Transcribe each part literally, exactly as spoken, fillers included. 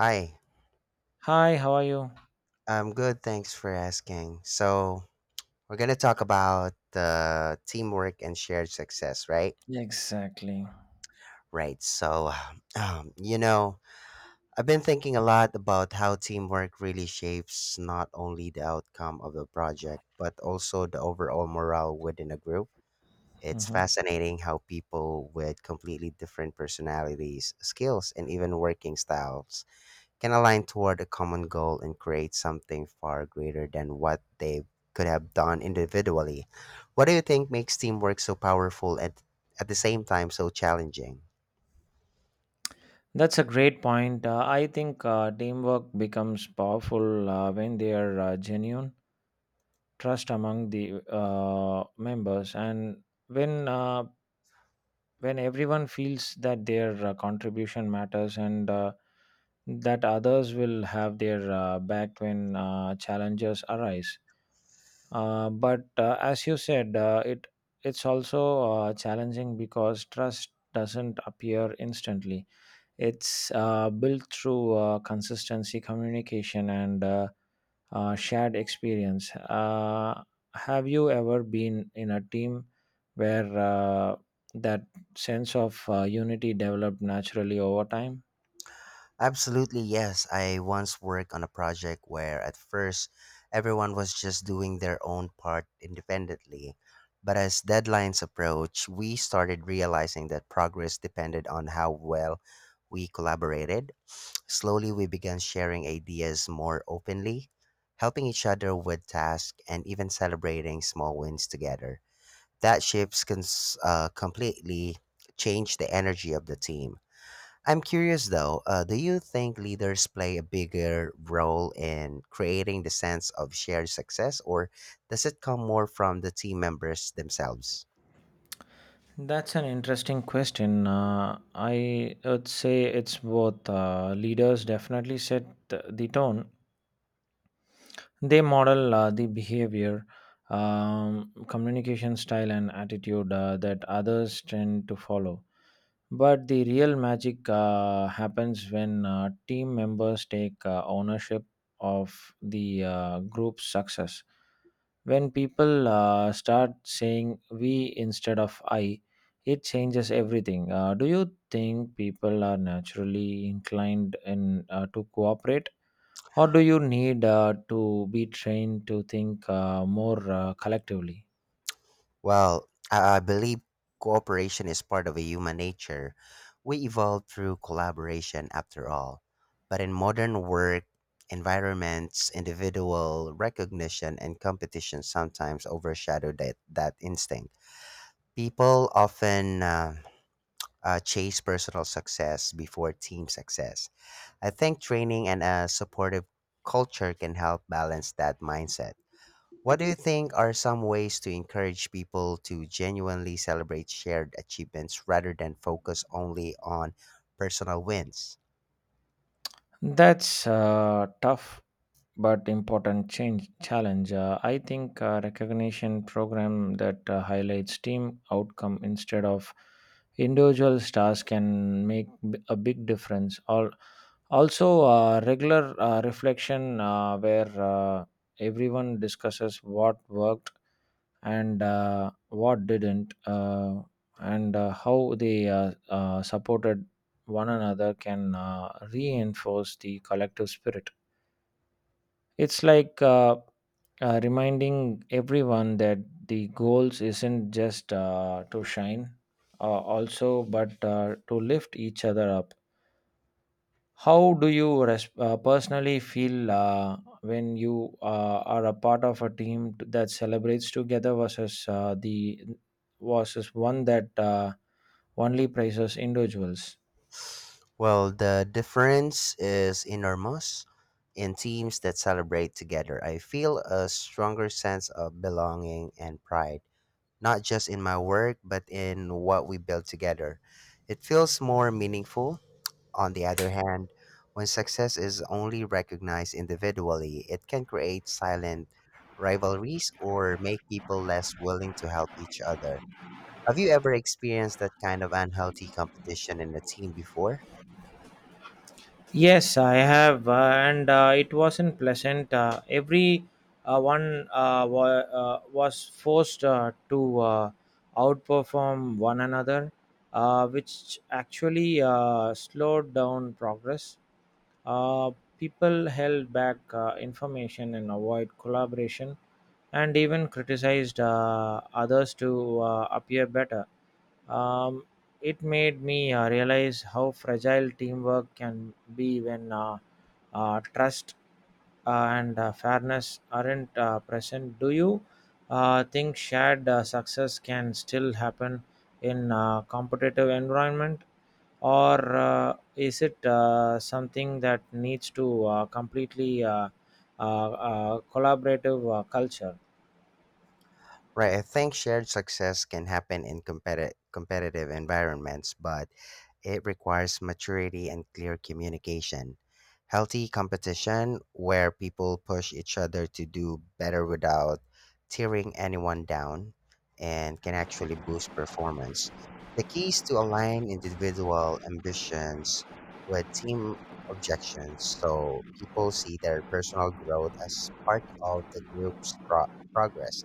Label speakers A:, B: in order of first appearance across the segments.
A: Hi,
B: Hi, how are you?
A: I'm good. Thanks for asking. So, we're going to talk about uh, teamwork and shared success, right?
B: Exactly.
A: Right. So, um, you know, I've been thinking a lot about how teamwork really shapes not only the outcome of the project, but also the overall morale within a group. It's
B: Mhm.
A: fascinating how people with completely different personalities, skills, and even working styles can align toward a common goal and create something far greater than what they could have done individually. What do you think makes teamwork so powerful and at the same time so challenging?
B: That's a great point. Uh, I think uh, teamwork becomes powerful uh, when they are uh, genuine trust among the uh, members, and when uh, when everyone feels that their uh, contribution matters and uh, that others will have their uh, back when uh, challenges arise. Uh, but uh, as you said, uh, it it's also uh, challenging because trust doesn't appear instantly. It's uh, built through uh, consistency, communication, and uh, uh, shared experience. Uh, have you ever been in a team where uh, that sense of uh, unity developed naturally over time?
A: Absolutely, yes. I once worked on a project where at first everyone was just doing their own part independently. But as deadlines approached, we started realizing that progress depended on how well we collaborated. Slowly, we began sharing ideas more openly, helping each other with tasks, and even celebrating small wins together. That shifts cons- uh, completely changed the energy of the team. I'm curious though, uh, do you think leaders play a bigger role in creating the sense of shared success, or does it come more from the team members themselves?
B: That's an interesting question. Uh, I would say it's both. Uh, leaders definitely set the the tone, they model uh, the behavior, um, communication style, and attitude uh, that others tend to follow. But the real magic uh, happens when uh, team members take uh, ownership of the uh, group's success when people uh, start saying we instead of I, it changes everything. Uh, do you think people are naturally inclined in uh, to cooperate, or do you need uh, to be trained to think uh, more uh, collectively?
A: Well, I I believe cooperation is part of a human nature. We evolved through collaboration after all. But in modern work environments, individual recognition and competition sometimes overshadow that, that instinct. People often uh, uh, chase personal success before team success. I think training and a supportive culture can help balance that mindset. What do you think are some ways to encourage people to genuinely celebrate shared achievements rather than focus only on personal wins?
B: That's uh, tough but important change challenge uh, I think uh, recognition program that uh, highlights team outcome instead of individual stars can make b- a big difference. Al also uh, regular uh, reflection uh, where uh, everyone discusses what worked and uh, what didn't, uh, and uh, how they uh, uh, supported one another can uh, reinforce the collective spirit. It's like uh, uh, reminding everyone that the goals isn't just uh, to shine, uh, also, but uh, to lift each other up. How do you res- uh, personally feel uh, when you uh, are a part of a team t- that celebrates together versus uh, the versus one that uh, only praises individuals?
A: Well, the difference is enormous. In teams that celebrate together, I feel a stronger sense of belonging and pride not just in my work, but in what we build together. It feels more meaningful. On the other hand, when success is only recognized individually, it can create silent rivalries or make people less willing to help each other. Have you ever experienced that kind of unhealthy competition in a team before?
B: Yes, I have, uh, and uh, it wasn't pleasant. Uh, every uh, one uh, wa- uh, was forced uh, to uh, outperform one another, uh, which actually uh, slowed down progress. Uh, People held back uh, information and avoid collaboration, and even criticized uh, others to uh, appear better. Um, it made me uh, realize how fragile teamwork can be when uh, uh, trust uh, and uh, fairness aren't uh, present. Do you uh, think shared uh, success can still happen in a competitive environment, or uh, is it uh, something that needs to uh, completely uh, uh, uh, collaborative uh, culture?
A: Right. I think shared success can happen in competi- competitive environments, but it requires maturity and clear communication. Healthy competition where people push each other to do better without tearing anyone down and can actually boost performance. The key is to align individual ambitions with team objections so people see their personal growth as part of the group's pro- progress.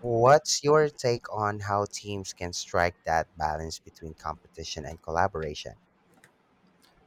A: What's your take on how teams can strike that balance between competition and collaboration?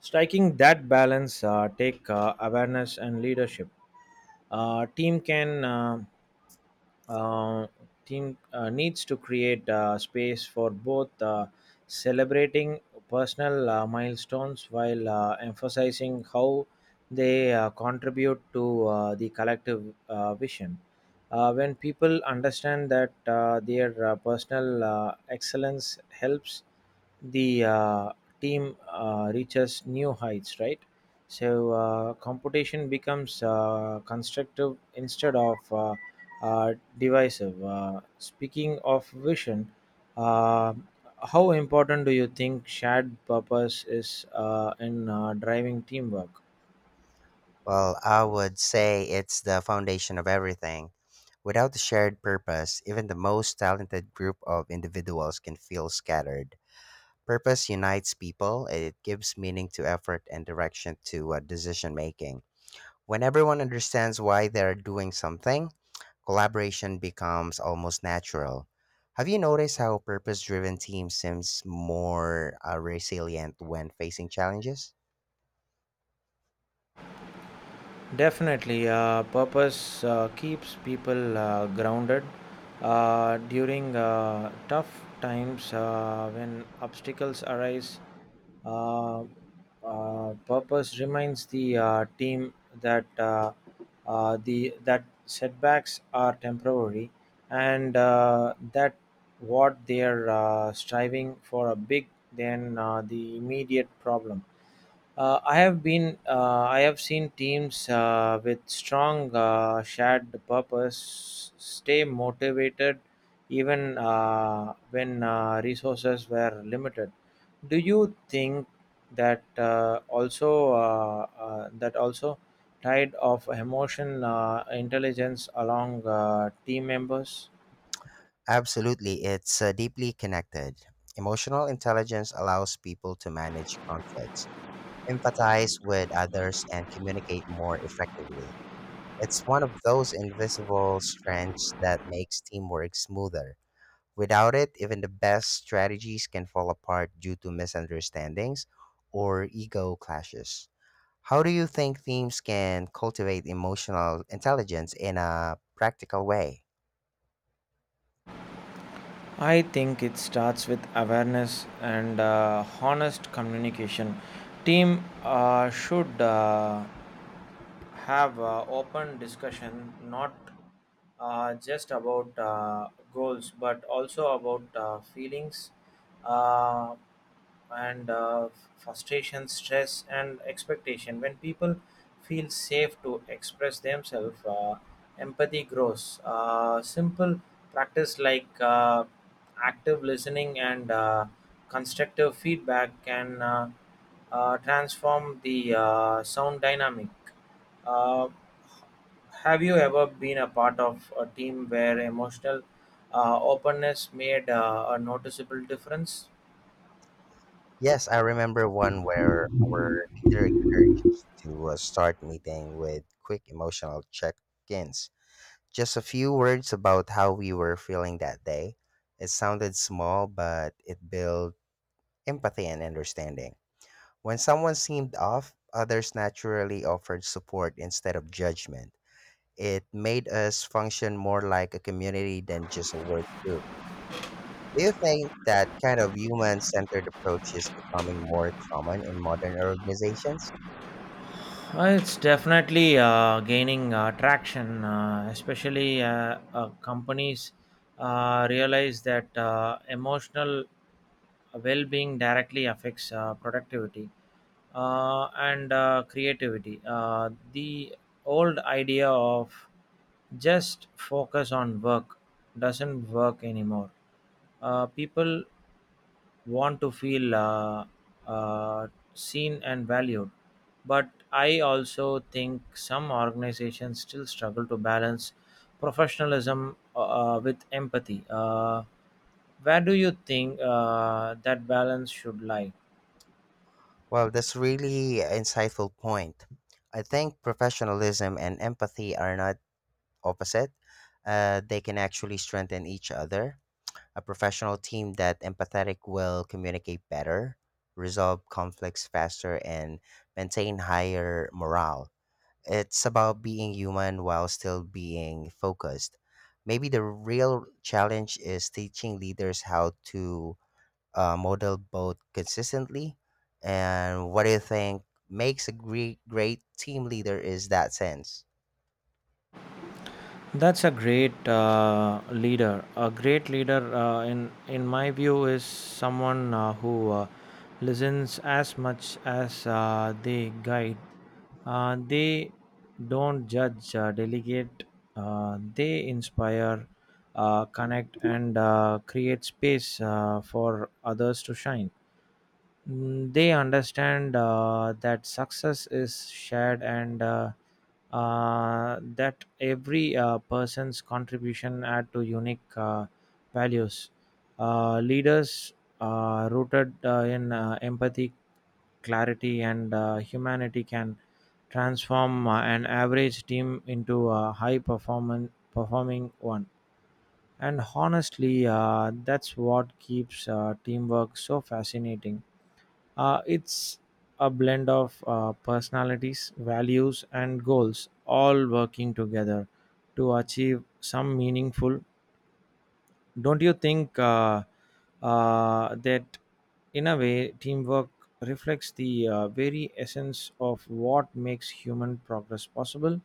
B: Striking that balance uh, take uh, awareness and leadership. uh, team can uh, uh, Team uh, needs to create uh, space for both uh, celebrating personal uh, milestones while uh, emphasizing how they uh, contribute to uh, the collective uh, vision. Uh, when people understand that uh, their uh, personal uh, excellence helps the uh, team uh, reaches new heights, right? So uh, competition becomes uh, constructive instead of uh, uh, divisive. Uh, speaking of vision, uh, how important do you think shared purpose is uh, in uh, driving teamwork?
A: Well, I would say it's the foundation of everything. Without the shared purpose, even the most talented group of individuals can feel scattered. Purpose unites people, it gives meaning to effort and direction to uh, decision making. When everyone understands why they're doing something, collaboration becomes almost natural. Have you noticed how purpose driven teams seems more uh, resilient when facing challenges?
B: Definitely, uh, purpose uh, keeps people uh, grounded uh, during uh, tough times uh, when obstacles arise. Uh, uh, Purpose reminds the uh, team that uh, uh, the that setbacks are temporary and uh, that what they are uh, striving for a big than uh, the immediate problem. Uh, I have been. Uh, I have seen teams uh, with strong uh, shared purpose stay motivated, even uh, when uh, resources were limited. Do you think that uh, also uh, uh, that also tide of emotion uh, intelligence along uh, team members?
A: Absolutely, it's uh, deeply connected. Emotional intelligence allows people to manage conflicts, empathize with others, and communicate more effectively. It's one of those invisible strengths that makes teamwork smoother. Without it, even the best strategies can fall apart due to misunderstandings or ego clashes. How do you think teams can cultivate emotional intelligence in a practical way?
B: I think it starts with awareness and uh, honest communication. Team uh, should uh, have uh, open discussion, not uh, just about uh, goals, but also about uh, feelings. Uh, and uh, frustration, stress, and expectation. When people feel safe to express themselves, uh, empathy grows. Uh, simple practice like uh, active listening and uh, constructive feedback can uh, uh, transform the uh, sound dynamic. Uh, have you ever been a part of a team where emotional uh, openness made uh, a noticeable difference?
A: Yes, I remember one where our leader encouraged us to uh, start meeting with quick emotional check ins. Just a few words about how we were feeling that day. It sounded small, but it built empathy and understanding. When someone seemed off, others naturally offered support instead of judgment. It made us function more like a community than just a work group. Do you think that kind of human centered approach is becoming more common in modern organizations?
B: Uh, it's definitely uh, gaining uh, traction, uh, especially uh, uh, companies uh, realize that uh, emotional well being directly affects uh, productivity uh, and uh, creativity. Uh, the old idea of just focus on work doesn't work anymore. Uh, people want to feel uh, uh, seen and valued. But I also think some organizations still struggle to balance professionalism uh, uh, with empathy. Uh, where do you think uh, that balance should lie?
A: Well, that's really an insightful point. I think professionalism and empathy are not opposite, uh, they can actually strengthen each other. A professional team that empathetic will communicate better, resolve conflicts faster, and maintain higher morale. It's about being human while still being focused. Maybe the real challenge is teaching leaders how to uh, model both consistently. And what do you think makes a great, great team leader is that sense?
B: That's a great uh, leader. A great leader, uh, in in my view, is someone uh, who uh, listens as much as uh, they guide. Uh, they don't judge, uh, delegate. Uh, they inspire, uh, connect, and uh, create space uh, for others to shine. Mm, they understand uh, that success is shared and uh, uh, that every uh, person's contribution add to unique uh, values. Uh, leaders uh, rooted uh, in uh, empathy, clarity, and uh, humanity can transform uh, an average team into a high performing performing one. And honestly, uh, that's what keeps uh, teamwork so fascinating. Uh, it's a blend of uh, personalities, values, and goals all working together to achieve some meaningful. Don't you think uh, uh, that, in a way, teamwork reflects the uh, very essence of what makes human progress possible?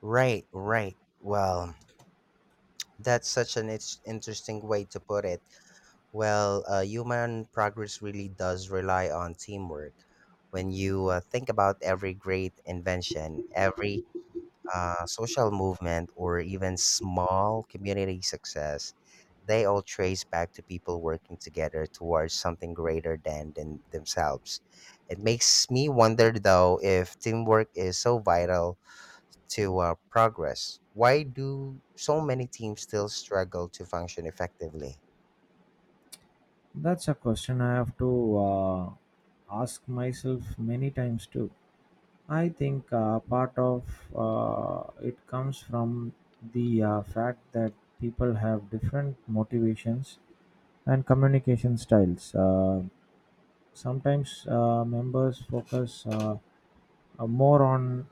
A: Right, right. Well, that's such an it's interesting way to put it. Well, uh, human progress really does rely on teamwork. When you uh, think about every great invention, every uh, social movement, or even small community success, they all trace back to people working together towards something greater than, than themselves. It makes me wonder, though, if teamwork is so vital to uh, progress. Why do so many teams still struggle to function effectively?
B: That's a question I have to uh, ask myself many times too. I think uh, part of uh, it comes from the uh, fact that people have different motivations and communication styles. Uh, sometimes uh, members focus uh, uh, more on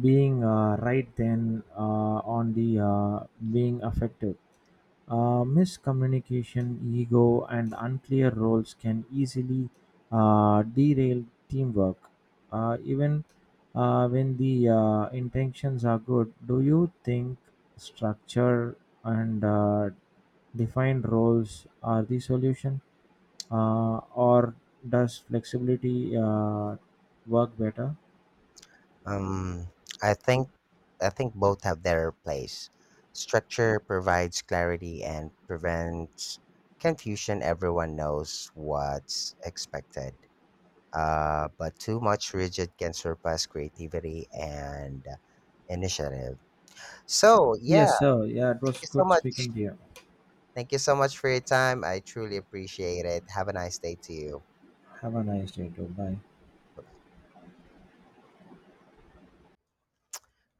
B: being uh, right than uh, on the uh, being effective. Uh, miscommunication, ego, and unclear roles can easily uh, derail teamwork, uh, even uh, when the uh, intentions are good. Do you think structure and uh, defined roles are the solution, uh, or does flexibility uh, work better?
A: Um, I think I think both have their place. Structure provides clarity and prevents confusion. Everyone knows what's expected. Uh, but too much rigid can surpass creativity and initiative. So yeah,
B: Yes, sir. Yeah, it
A: thank
B: was
A: you so
B: good
A: much.
B: speaking to you.
A: Thank you so much for your time. I truly appreciate it. Have a nice day to you.
B: Have a nice day, too. Bye.
A: Bye bye.